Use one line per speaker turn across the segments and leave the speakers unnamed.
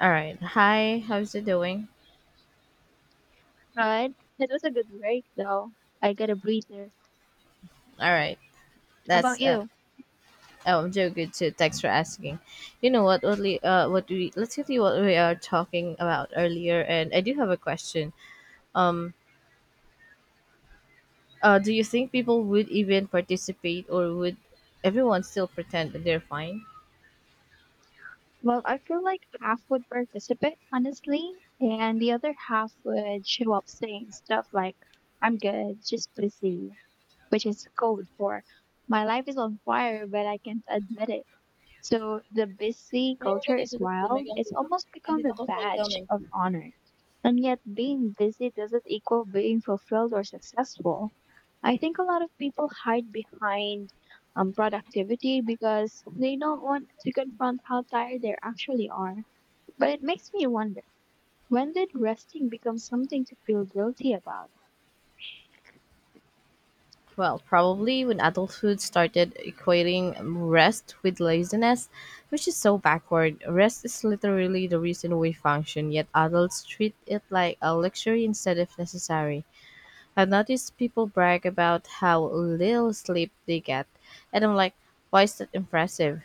All right. Hi, how's it doing?
Right. It was a good break, though. I got a breather.
All right.
How about
That's
you?
Oh, I'm doing good too. Thanks for asking. You know what? What we let's continue what we are talking about earlier, and I do have a question. Um, do you think people would even participate, or would everyone still pretend that they're fine?
Well, I feel like half would participate, honestly, and the other half would show up saying stuff like, I'm good, just busy, which is code for my life is on fire, but I can't admit it. So the busy
May mga
culture
ganito
is
na kasi, may
wild. It's
ganito.
almost become
Andito
a
ko sa ikaw,
badge
may
of honor. And yet, being busy doesn't equal being fulfilled or successful. I think a lot of people hide behind productivity because they don't want to confront how tired they actually are. But it makes me wonder, when did resting become something to feel guilty about?
well, probably when adulthood started equating rest with laziness, which is so backward. Rest is literally the reason we function, yet adults treat it like a luxury instead of necessary. I've noticed people brag about how little sleep they get, and I'm like, why is that impressive?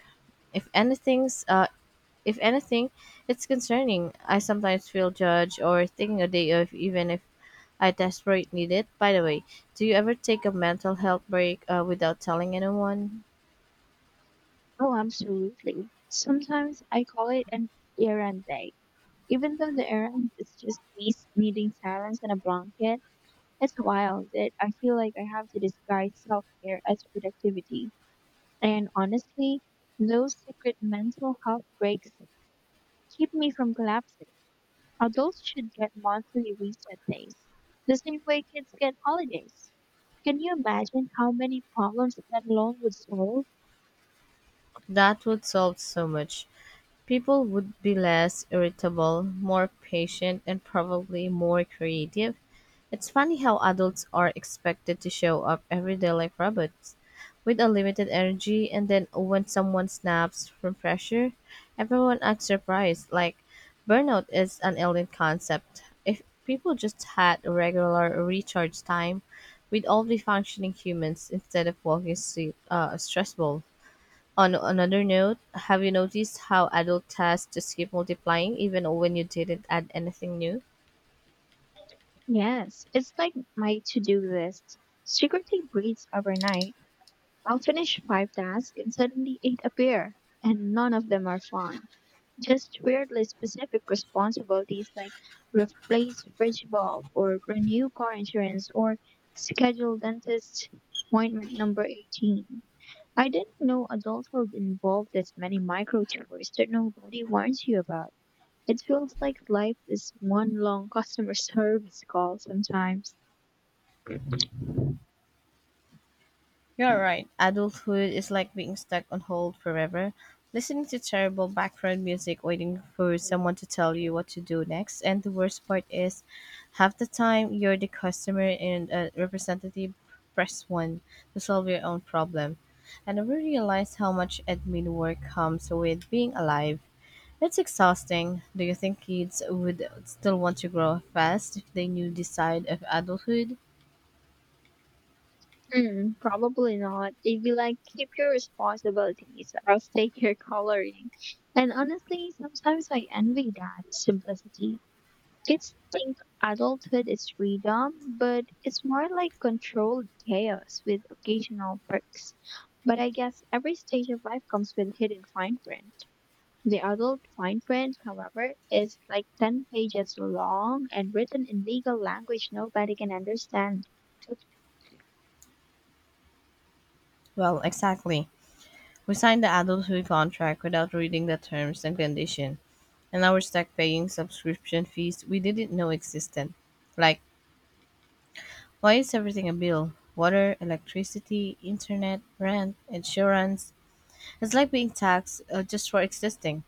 If anything's, uh, if anything, it's concerning. I sometimes feel judged or thinking a day off, even if I desperately need it. By the way, do you ever take a mental health break without telling anyone?
Oh, absolutely. Sometimes I call it an errand day. Even though the errand is just needing silence and a blanket, it's wild that I feel like I have to disguise self care as productivity. And honestly, those secret mental health breaks keep me from collapsing. Adults should get monthly reset days, the same way kids get holidays. Can you imagine how many problems that alone would solve?
That would solve so much. People would be less irritable, more patient, and probably more creative. It's funny how adults are expected to show up every day like robots, with a limited energy, and then when someone snaps from pressure, everyone acts surprised. Like, burnout is an alien concept. If people just had a regular recharge time, we'd all be functioning humans instead of walking stressful. On another note, have you noticed how adult tasks just keep multiplying even when you didn't add anything new?
Yes, it's like my to do list. Secretly breeds overnight. I'll finish five tasks and suddenly eight appear, and none of them are fun. Just weirdly specific responsibilities like replace fridge bulb or renew car insurance or schedule dentist appointment number 18. I didn't know adulthood involved this many micro chores that nobody warns you about. It feels like life is one long customer service call sometimes.
You're right. Adulthood is like being stuck on hold forever, listening to terrible background music, waiting for someone to tell you what to do next. And the worst part is, half the time you're the customer and a representative press one to solve your own problem. I never realized how much admin work comes with being alive. It's exhausting. Do you think kids would still want to grow fast if they knew the side of adulthood?
Hmm, probably not. They'd be like, keep your responsibilities, I'll stay here coloring. And honestly, sometimes I envy that simplicity. Kids think adulthood is freedom, but it's more like controlled chaos with occasional perks. But I guess every stage of life comes with hidden fine print. The adult fine print, however, is like 10 pages long and written in legal language nobody can understand.
Well, exactly. We signed the adulthood contract without reading the terms and condition, and our stuck paying subscription fees we didn't know existed. Like, why is everything a bill? Water, electricity, internet, rent, insurance. It's like being taxed just for existing.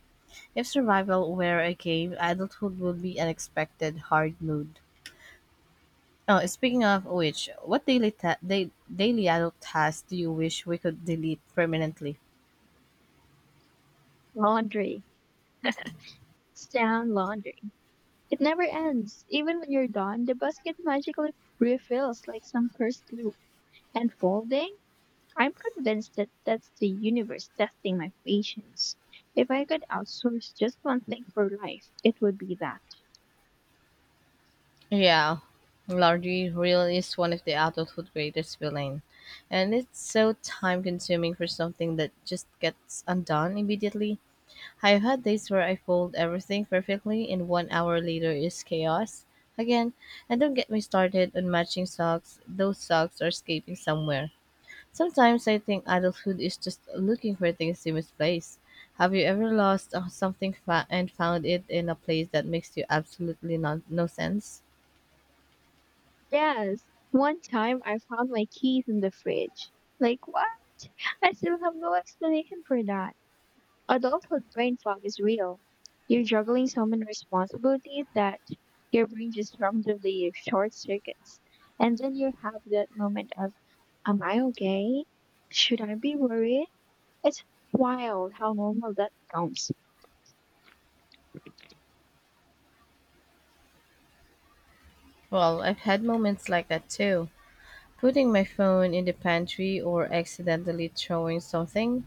If survival were a game, adulthood would be an expected hard mood. Oh, speaking of which, what daily adult tasks do you wish we could delete permanently?
Laundry. Down laundry. It never ends. Even when you're done, the basket magically refills like some cursed loop. And folding? I'm convinced that that's the universe testing my patience. If I could outsource just one thing for life, it would be that.
Yeah, Lardy really is one of the adulthood greatest villain, and it's so time consuming for something that just gets undone immediately. I've had days where I fold everything perfectly and 1 hour later is chaos again. And don't get me started on matching socks; those socks are escaping somewhere. Sometimes I think adulthood is just looking for things you misplaced. Have you ever lost and found it in a place that makes you absolutely no sense?
Yes, one time I found my keys in the fridge. Like, what? I still have no explanation for that. Adulthood brain fog is real. You're juggling so many responsibilities that your brain just randomly short circuits. And then you have that moment of, am I okay? Should I be worried? It's wild how normal that becomes.
Well, I've had moments like that too. Putting my phone in the pantry or accidentally throwing something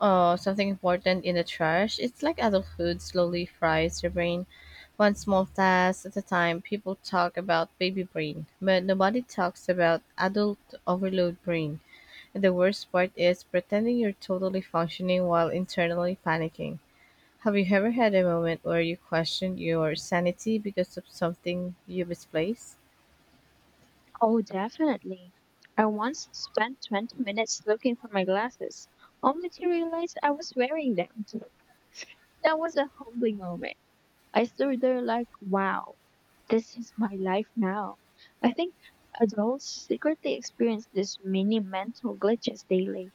uh, something important in the trash. It's like adulthood slowly fries your brain. One small task at a time. People talk about baby brain, but nobody talks about adult overload brain. And the worst part is pretending you're totally functioning while internally panicking. Have you ever had a moment where you questioned your sanity because of something you misplaced?
Oh, definitely. I once spent 20 minutes looking for my glasses, only to realize I was wearing them. That was a humbling moment. I stood there like, wow. This is my life now. I think adults secretly experience these mini mental glitches daily.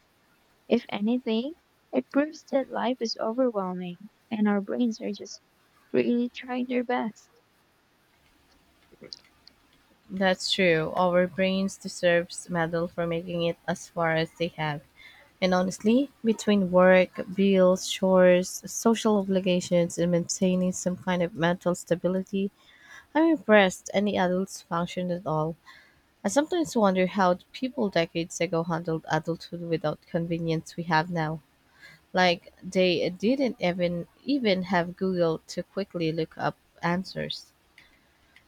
If anything, it proves that life is overwhelming and our brains are just really trying their best.
That's true. Our brains deserves medal for making it as far as they have. And honestly, between work, bills, chores, social obligations, and maintaining some kind of mental stability, I'm impressed any adults function at all. I sometimes wonder how people decades ago handled adulthood without convenience we have now. Like they didn't even have Google to quickly look up answers.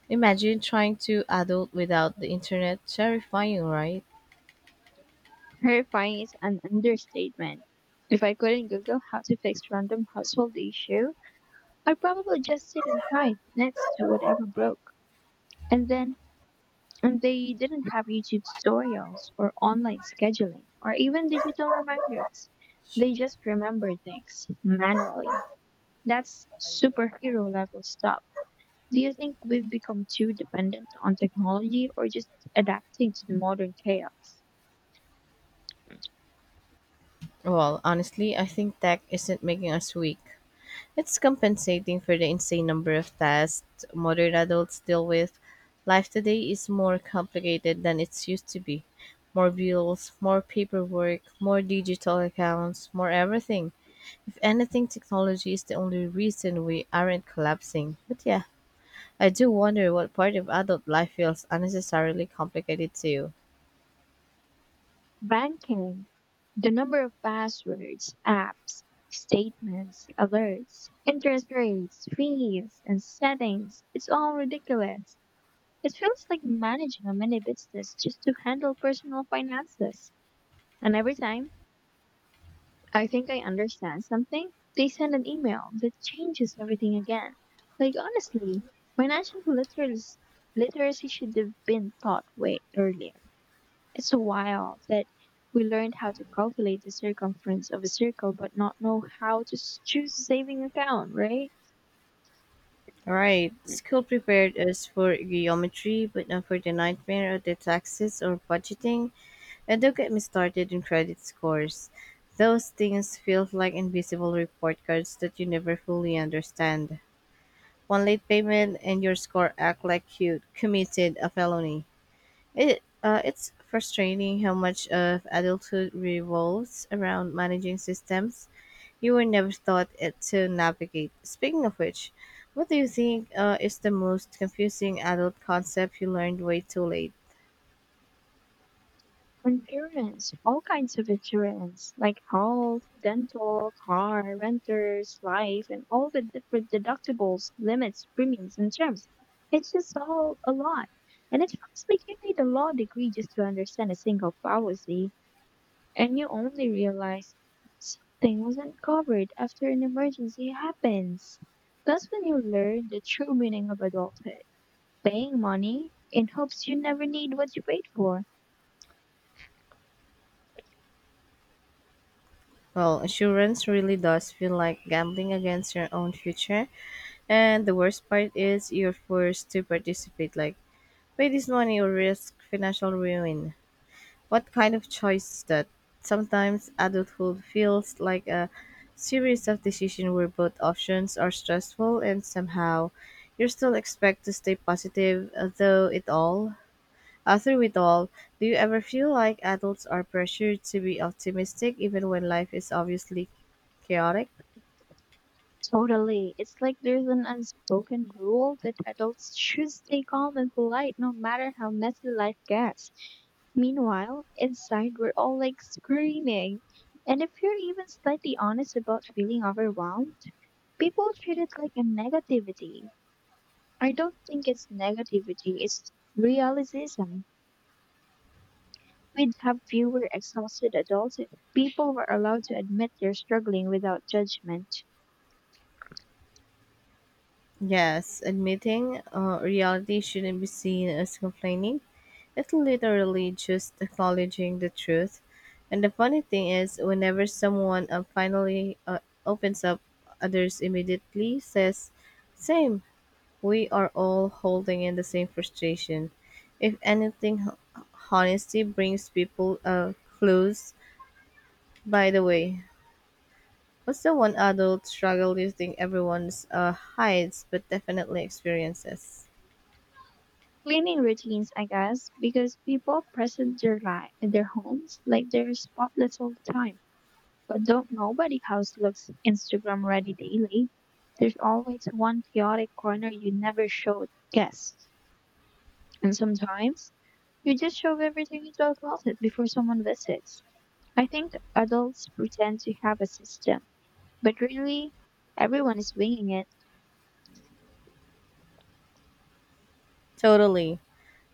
Imagine trying to adult without the internet. Terrifying, right?
Terrifying is an understatement. If I couldn't Google how to fix random household issue, I'd probably just sit and cry next to whatever broke. And then, and they didn't have YouTube tutorials or online scheduling or even digital reminders. They just remembered things manually. That's superhero level stuff. Do you think we've become too dependent on technology or just adapting to the modern chaos?
Well, honestly, I think tech isn't making us weak. It's compensating for the insane number of tasks modern adults deal with. Life today is more complicated than it used to be. More bills, more paperwork, more digital accounts, more everything. If anything, technology is the only reason we aren't collapsing. But yeah, I do wonder what part of adult life feels unnecessarily complicated to you.
Banking, the number of passwords, apps, statements, alerts, interest rates, fees, and settings, it's all ridiculous. It feels like managing a mini business just to handle personal finances. And every time I think I understand something, they send an email that changes everything again. Like honestly, financial literacy should have been taught way earlier. It's wild that we learned how to calculate the circumference of a circle but not know how to choose a saving account, right?
All right. School prepared us for geometry, but not for the nightmare of the taxes or budgeting. And don't get me started in credit scores. Those things feel like invisible report cards that you never fully understand. One late payment and your score act like you committed a felony. It's frustrating how much of adulthood revolves around managing systems you were never taught it to navigate. Speaking of which, what do you think is the most confusing adult concept you learned way too late?
Insurance, all kinds of insurance, like health, dental, car, renters, life, and all the different deductibles, limits, premiums, and terms. It's just all a lot. And it feels like you need a law degree just to understand a single policy, and you only realize something wasn't covered after an emergency happens. That's when you learn the true meaning of adulthood, paying money in hopes you never need what you paid for.
Well, insurance really does feel like gambling against your own future, and the worst part is you're forced to participate like pay this money or risk financial ruin. What kind of choice is that? Sometimes adulthood feels like a series of decisions where both options are stressful and somehow you're still expected to stay positive though it all through it all. Do you ever feel like adults are pressured to be optimistic even when life is obviously chaotic?
Totally. It's like there's an unspoken rule that adults should stay calm and polite no matter how messy life gets. Meanwhile, inside we're all like screaming. And if you're even slightly honest about feeling overwhelmed, people treat it like a negativity. I don't think it's negativity, it's realism. We'd have fewer exhausted adults if people were allowed to admit they're struggling without judgment.
Yes, admitting reality shouldn't be seen as complaining. It's literally just acknowledging the truth. And the funny thing is, whenever someone finally opens up, others immediately says, "Same. We are all holding in the same frustration." If anything, honesty brings people close. By the way, what's the one adult struggle you think everyone hides but definitely experiences?
Cleaning routines, I guess, because people present their life, their homes like they're spotless all the time. But don't nobody house looks Instagram ready daily. There's always one chaotic corner you never showed guests. And sometimes you just shove everything into a closet before someone visits. I think adults pretend to have a system, but really everyone is winging it.
Totally.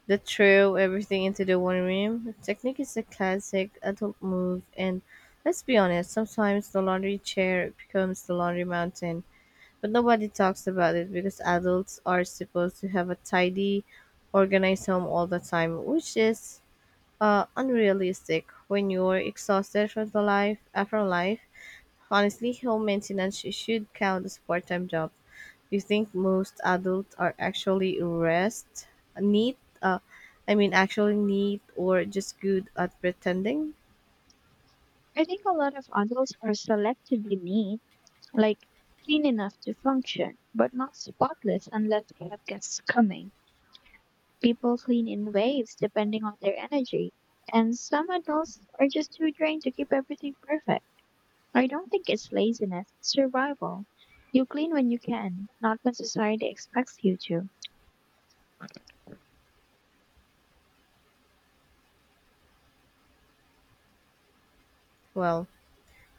The throw everything into the one room technique is a classic adult move, and let's be honest, sometimes the laundry chair becomes the laundry mountain, but nobody talks about it because adults are supposed to have a tidy, organized home all the time, which is unrealistic when you're exhausted from the life after life. Honestly, home maintenance should count as part-time job. You think most adults are actually rest neat? I mean, actually neat or just good at pretending?
I think a lot of adults are selectively neat, like clean enough to function, but not spotless unless they have guests coming. People clean in waves depending on their energy, and some adults are just too drained to keep everything perfect. I don't think it's laziness, it's survival. You clean when you can, not when society expects you to.
Well,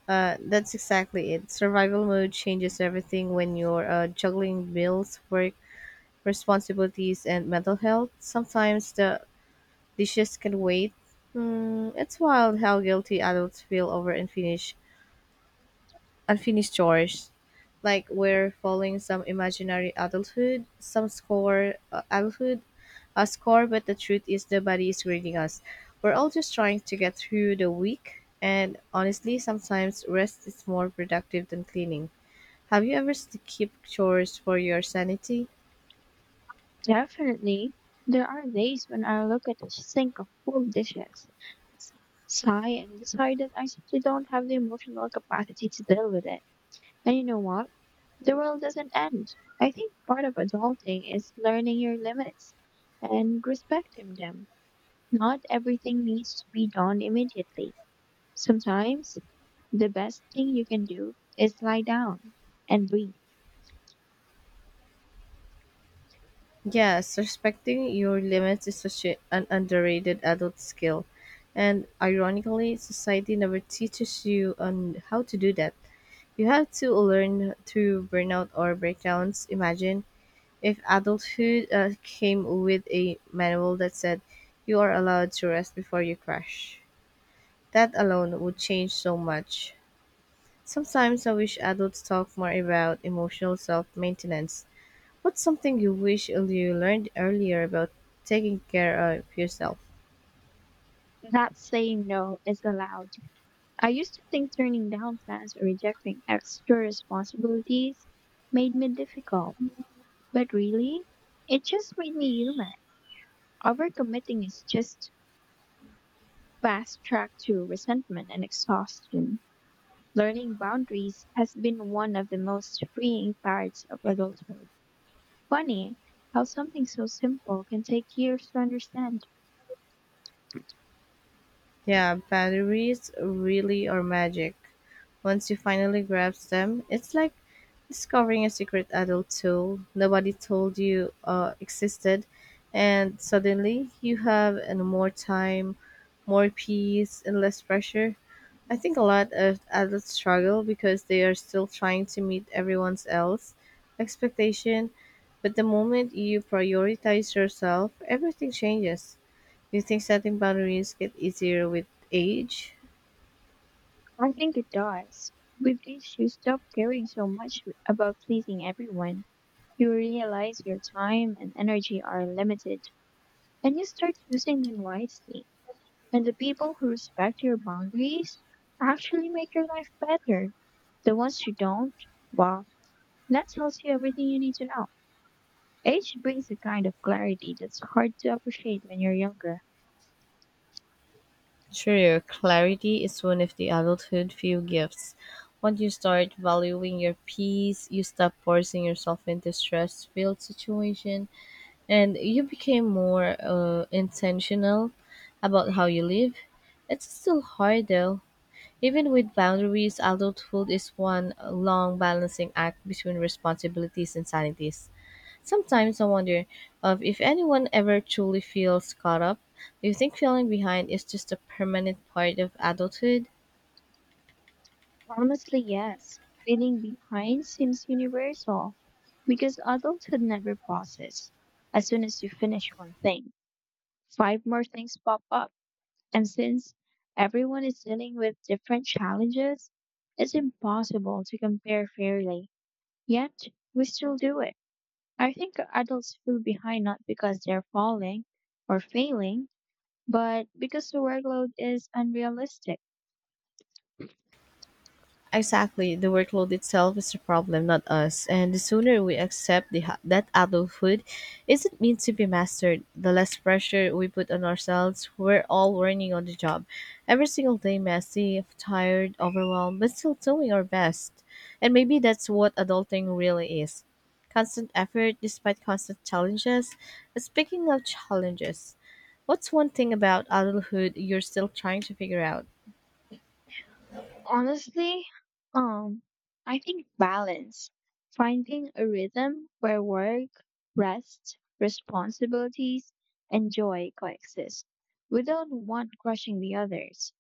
uh, that's exactly it. Survival mode changes everything when you're juggling bills, work responsibilities, and mental health. Sometimes the dishes can wait. Mm, it's wild how guilty adults feel over unfinished chores. Like we're following some imaginary adulthood, a score. But the truth is, the body is grading us. We're all just trying to get through the week. And honestly, sometimes rest is more productive than cleaning. Have you ever skipped chores for your sanity?
Definitely, there are days when I look at a sink of full dishes, sigh, and decide that I simply don't have the emotional capacity to deal with it. And you know what? The world doesn't end. I think part of adulting is learning your limits and respecting them. Not everything needs to be done immediately. Sometimes the best thing you can do is lie down and breathe.
Yes, respecting your limits is such an underrated adult skill. And ironically, society never teaches you on how to do that. You have to learn through burnout or breakdowns. Imagine if adulthood came with a manual that said you are allowed to rest before you crash. That alone would change so much. Sometimes I wish adults talk more about emotional self maintenance. What's something you wish you learned earlier about taking care of yourself?
That saying no is allowed. I used to think turning down plans or rejecting extra responsibilities made me difficult, but really, it just made me human. Overcommitting is just fast track to resentment and exhaustion. Learning boundaries has been one of the most freeing parts of adulthood. Funny how something so simple can take years to understand.
Yeah, batteries really are magic. Once you finally grasp them, it's like discovering a secret adult tool nobody told you existed, and suddenly you have and more time, more peace, and less pressure. I think a lot of adults struggle because they are still trying to meet everyone else expectation, but the moment you prioritize yourself, everything changes. Do you think setting boundaries get easier with age?
I think it does. With age, you stop caring so much about pleasing everyone. You realize your time and energy are limited, and you start using them wisely. And the people who respect your boundaries actually make your life better. The ones who don't, wow. That tells you everything you need to know. Age brings a kind of clarity that's hard to appreciate when you're younger.
True, clarity is one of the adulthood few gifts. Once you start valuing your peace, you stop forcing yourself into stress-filled situation and you became more intentional about how you live. It's still hard though. Even with boundaries, adulthood is one long balancing act between responsibilities and sanities. Sometimes I wonder of if anyone ever truly feels caught up. Do you think feeling behind is just a permanent part of adulthood?
Honestly, yes. Feeling behind seems universal because adulthood never pauses. As soon as you finish one thing, five more things pop up. And since everyone is dealing with different challenges, it's impossible to compare fairly. Yet, we still do it. I think adults feel behind not because they're falling or failing but because the workload is unrealistic.
Exactly, the workload itself is the problem, not us. And the sooner we accept that adulthood isn't meant to be mastered, the less pressure we put on ourselves. We're all learning on the job. Every single day, messy, tired, overwhelmed, but still doing our best. And maybe that's what adulting really is constant effort despite constant challenges. Speaking of challenges, what's one thing about adulthood you're still trying to figure out?
Honestly, um, I think balance, finding a rhythm where work, rest, responsibilities, and joy coexist without one crushing the others.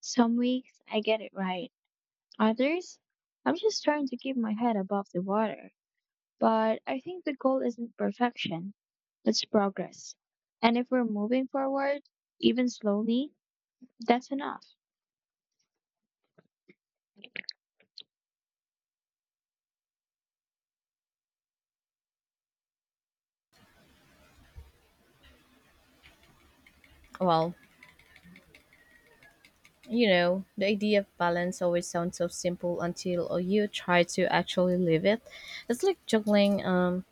Some weeks I get it right, others I'm just trying to keep my head above the water. But I think the goal isn't perfection, it's progress. And if we're moving forward, even slowly, that's enough.
Well, you know, the idea of balance always sounds so simple until you try to actually live it. It's like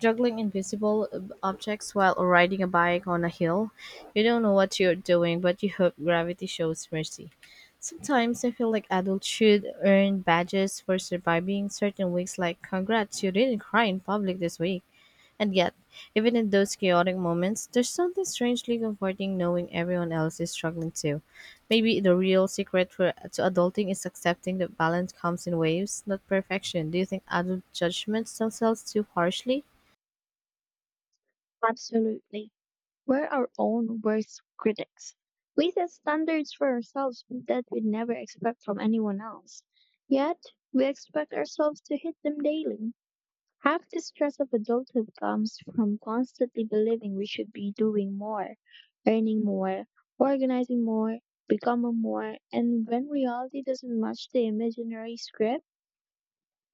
juggling invisible objects while riding a bike on a hill. You don't know what you're doing, but you hope gravity shows mercy. Sometimes I feel like adults should earn badges for surviving certain weeks, like congrats, you didn't cry in public this week. And yet, even in those chaotic moments, there's something strangely comforting knowing everyone else is struggling too. Maybe the real secret for to adulting is accepting that balance comes in waves, not perfection. Do you think adult judgments themselves too harshly?
Absolutely. We're our own worst critics. We set standards for ourselves that we never expect from anyone else. Yet, we expect ourselves to hit them daily. Half the stress of adulthood comes from constantly believing we should be doing more, earning more, organizing more, becoming more, and when reality doesn't match the imaginary script,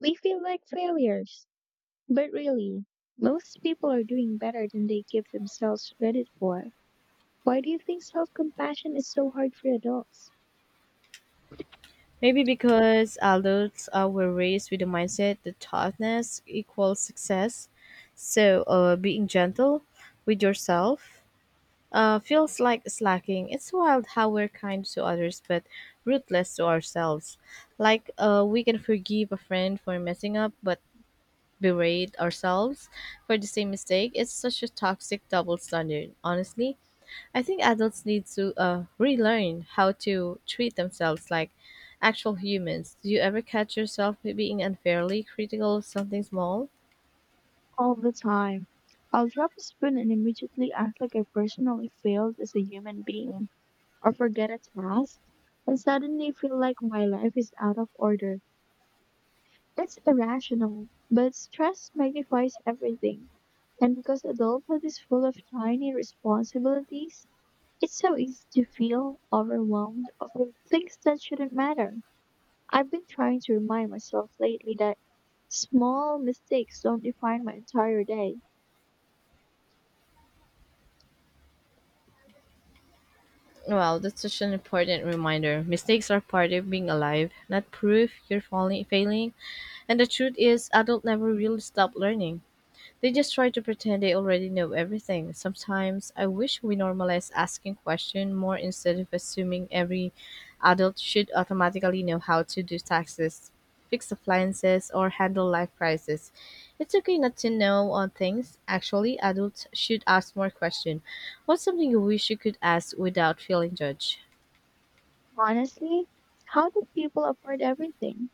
we feel like failures. But really, most people are doing better than they give themselves credit for. Why do you think self compassion is so hard for adults?
Maybe because adults were raised with the mindset that toughness equals success. So, being gentle with yourself feels like slacking. It's wild how we're kind to others but ruthless to ourselves. Like we can forgive a friend for messing up but berate ourselves for the same mistake. It's such a toxic double standard. Honestly, I think adults need to relearn how to treat themselves like actual humans. Do you ever catch yourself being unfairly critical of something small?
All the time. I'll drop a spoon and immediately act like I personally failed as a human being or forget a task and suddenly feel like my life is out of order. It's irrational, but stress magnifies everything. And because adulthood is full of tiny responsibilities, it's so easy to feel overwhelmed over things that shouldn't matter. I've been trying to remind myself lately that small mistakes don't define my entire day.
Well, that's such an important reminder. Mistakes are part of being alive, not proof you're falling, failing. And the truth is, adults never really stop learning. They just try to pretend they already know everything. Sometimes I wish we normalize asking questions more instead of assuming every adult should automatically know how to do taxes, fix appliances, or handle life crises. It's okay not to know on things. Actually, adults should ask more questions. What's something you wish you could ask without feeling judged?
Honestly, how do people afford everything?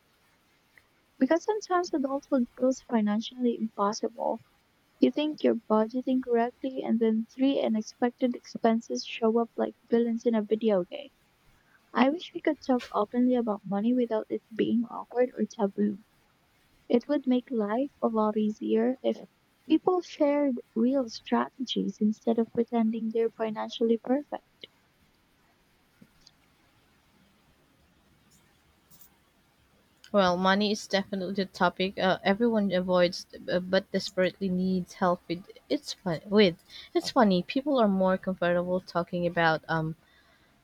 Because sometimes adulthood feels financially impossible. You think you're budgeting correctly, and then three unexpected expenses show up like villains in a video game. I wish we could talk openly about money without it being awkward or taboo. It would make life a lot easier if people shared real strategies instead of pretending they're financially perfect.
Well, money is definitely a topic everyone avoids, but desperately needs help with. It's fun with. It's funny. People are more comfortable talking about um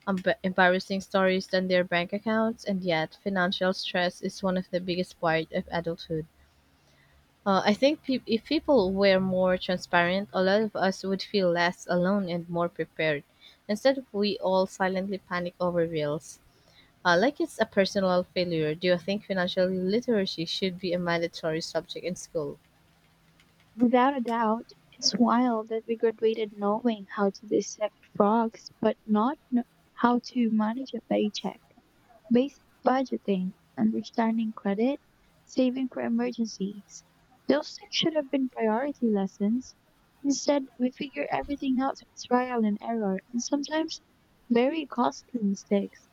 emb- embarrassing stories than their bank accounts, and yet financial stress is one of the biggest part of adulthood. I think peop if people were more transparent, a lot of us would feel less alone and more prepared. Instead, we all silently panic over bills. Like it's a personal failure, do you think financial literacy should be a mandatory subject in school?
Without a doubt, it's wild that we graduated knowing how to dissect frogs, but not how to manage a paycheck. Basic budgeting, understanding credit, saving for emergencies. Those things should have been priority lessons. Instead, we figure everything out through trial and error, and sometimes very costly mistakes.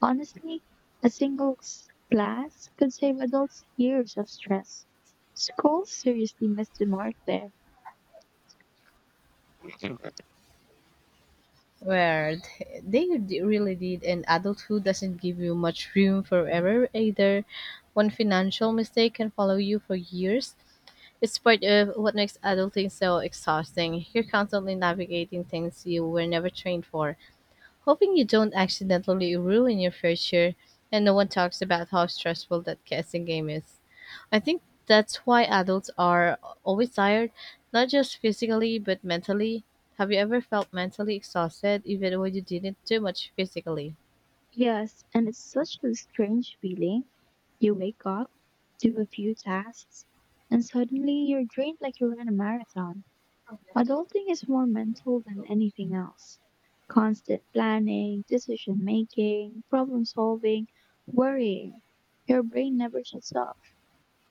Honestly, a single class could save adults years of stress. School seriously missed the mark there.
They really did, and adulthood doesn't give you much room for error either. One financial mistake can follow you for years. It's part of what makes adulting so exhausting. You're constantly navigating things you were never trained for, hoping you don't accidentally ruin your future, and no one talks about how stressful that guessing game is. I think that's why adults are always tired, not just physically, but mentally. Have you ever felt mentally exhausted even when you didn't do much physically?
Yes, and it's such a strange feeling. You wake up, do a few tasks, and suddenly you're drained like you ran a marathon. Adulting is more mental than anything else. Constant planning, decision making, problem solving, worrying. Your brain never shuts off.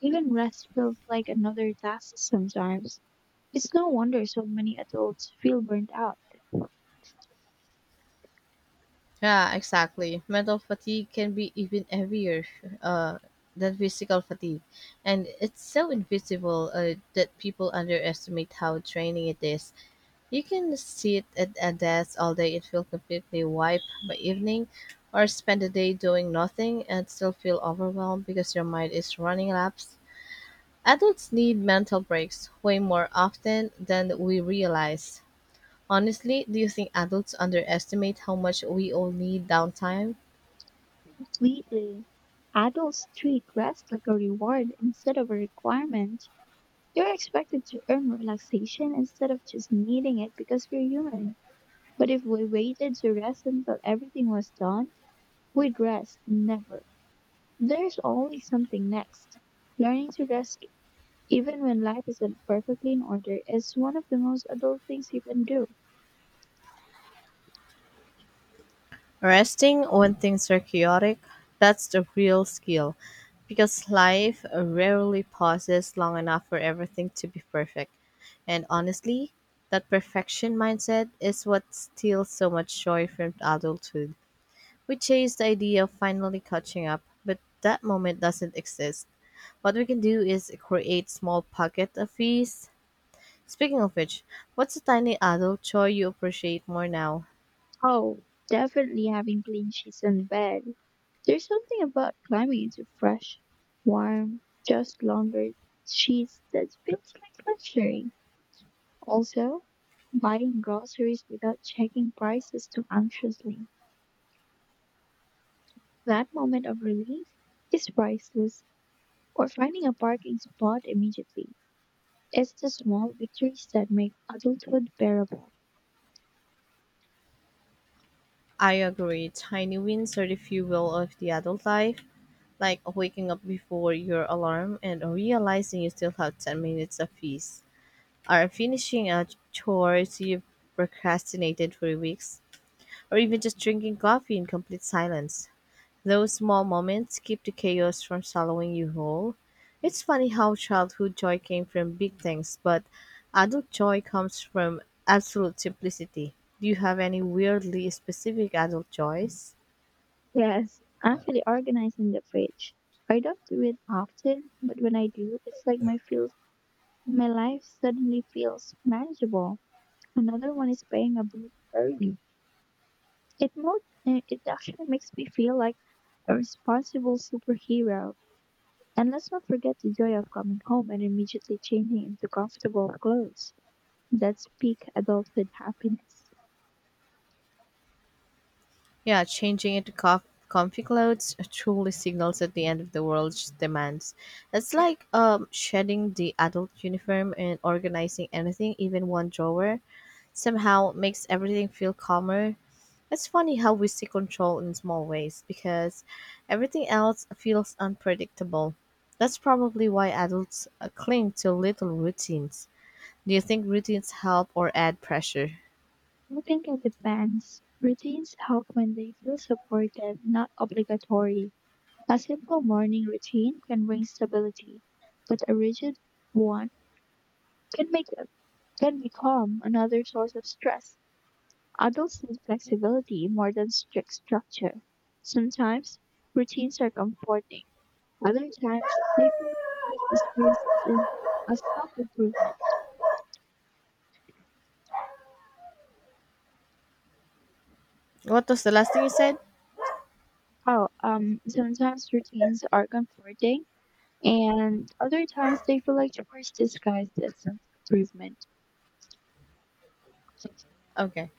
Even rest feels like another task sometimes. It's no wonder so many adults feel burnt out.
Yeah, exactly. Mental fatigue can be even heavier uh, than physical fatigue. And it's so invisible that people underestimate how draining it is. You can sit at a desk all day and feel completely wiped by evening, or spend the day doing nothing and still feel overwhelmed because your mind is running laps. Adults need mental breaks way more often than we realize. Honestly, do you think adults underestimate how much we all need downtime?
Completely. Adults treat rest like a reward instead of a requirement. You're expected to earn relaxation instead of just needing it because you're human. But if we waited to rest until everything was done, we'd rest never. There's always something next. Learning to rest, even when life isn't perfectly in order, is one of the most adult things you can do.
Resting when things are chaotic, that's the real skill. Because life rarely pauses long enough for everything to be perfect. And honestly, that perfection mindset is what steals so much joy from adulthood. We chase the idea of finally catching up, but that moment doesn't exist. What we can do is create small pocket of peace. Speaking of which, what's a tiny adult joy you appreciate more now?
Oh, definitely having clean sheets in bed. There's something about climbing into fresh, warm, just laundered sheets that feels like luxury. Also, buying groceries without checking prices too anxiously. That moment of relief is priceless. Or finding a parking spot immediately. It's the small victories that make adulthood bearable.
I agree. Tiny wins are the fuel of the adult life, like waking up before your alarm and realizing you still have 10 minutes of fees, or finishing a chore you have procrastinated for weeks, or even just drinking coffee in complete silence. Those small moments keep the chaos from swallowing you whole. It's funny how childhood joy came from big things, but adult joy comes from absolute simplicity. Do you have any weirdly specific adult joys?
Yes, actually organizing the fridge. I don't do it often, but when I do, it's like my feels my life suddenly feels manageable. Another one is paying a bill early. It more it actually makes me feel like a responsible superhero. And let's not forget the joy of coming home and immediately changing into comfortable clothes. That's peak adulthood happiness.
Yeah, changing into comfy clothes truly signals at the end of the world's demands. It's like shedding the adult uniform and organizing anything, even one drawer, somehow makes everything feel calmer. It's funny how we see control in small ways because everything else feels unpredictable. That's probably why adults cling to little routines. Do you think routines help or add pressure?
I think it depends. Routines help when they feel supportive, not obligatory. A simple morning routine can bring stability, but a rigid one can make can become another source of stress. Adults need flexibility more than strict structure. Sometimes routines are comforting. Other times they feel like this grace is in a self-improvement.
What was the last thing you said?
Oh, sometimes routines are comforting, and other times they feel like chores disguised as self-improvement.
Okay,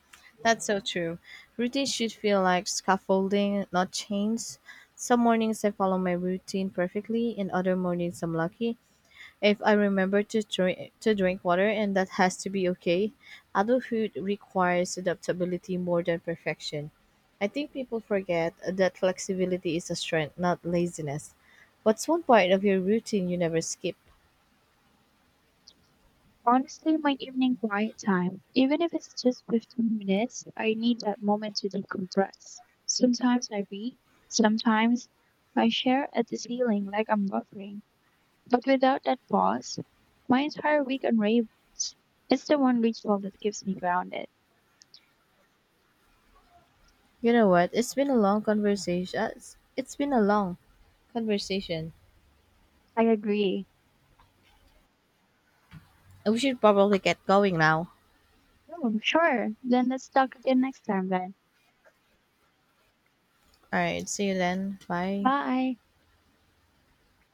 that's so true. Routine should feel like scaffolding, not chains. Some mornings I follow my routine perfectly, and other mornings I'm lucky. If I remember to drink water, and that has to be okay. Adulthood requires adaptability more than perfection. I think people forget that flexibility is a strength, not laziness. What's one part of your routine you never skip?
Honestly, my evening quiet time, even if it's just 15 minutes, I need that moment to decompress. Sometimes I read, sometimes I share at the ceiling like I'm buffering. But without that pause, my entire week unravels. It's the one ritual that keeps me grounded.
You know what? It's been a long conversation.
I agree.
We should probably get going now.
Oh, sure. Then let's talk again next time then.
Alright, see you then. Bye.
Bye.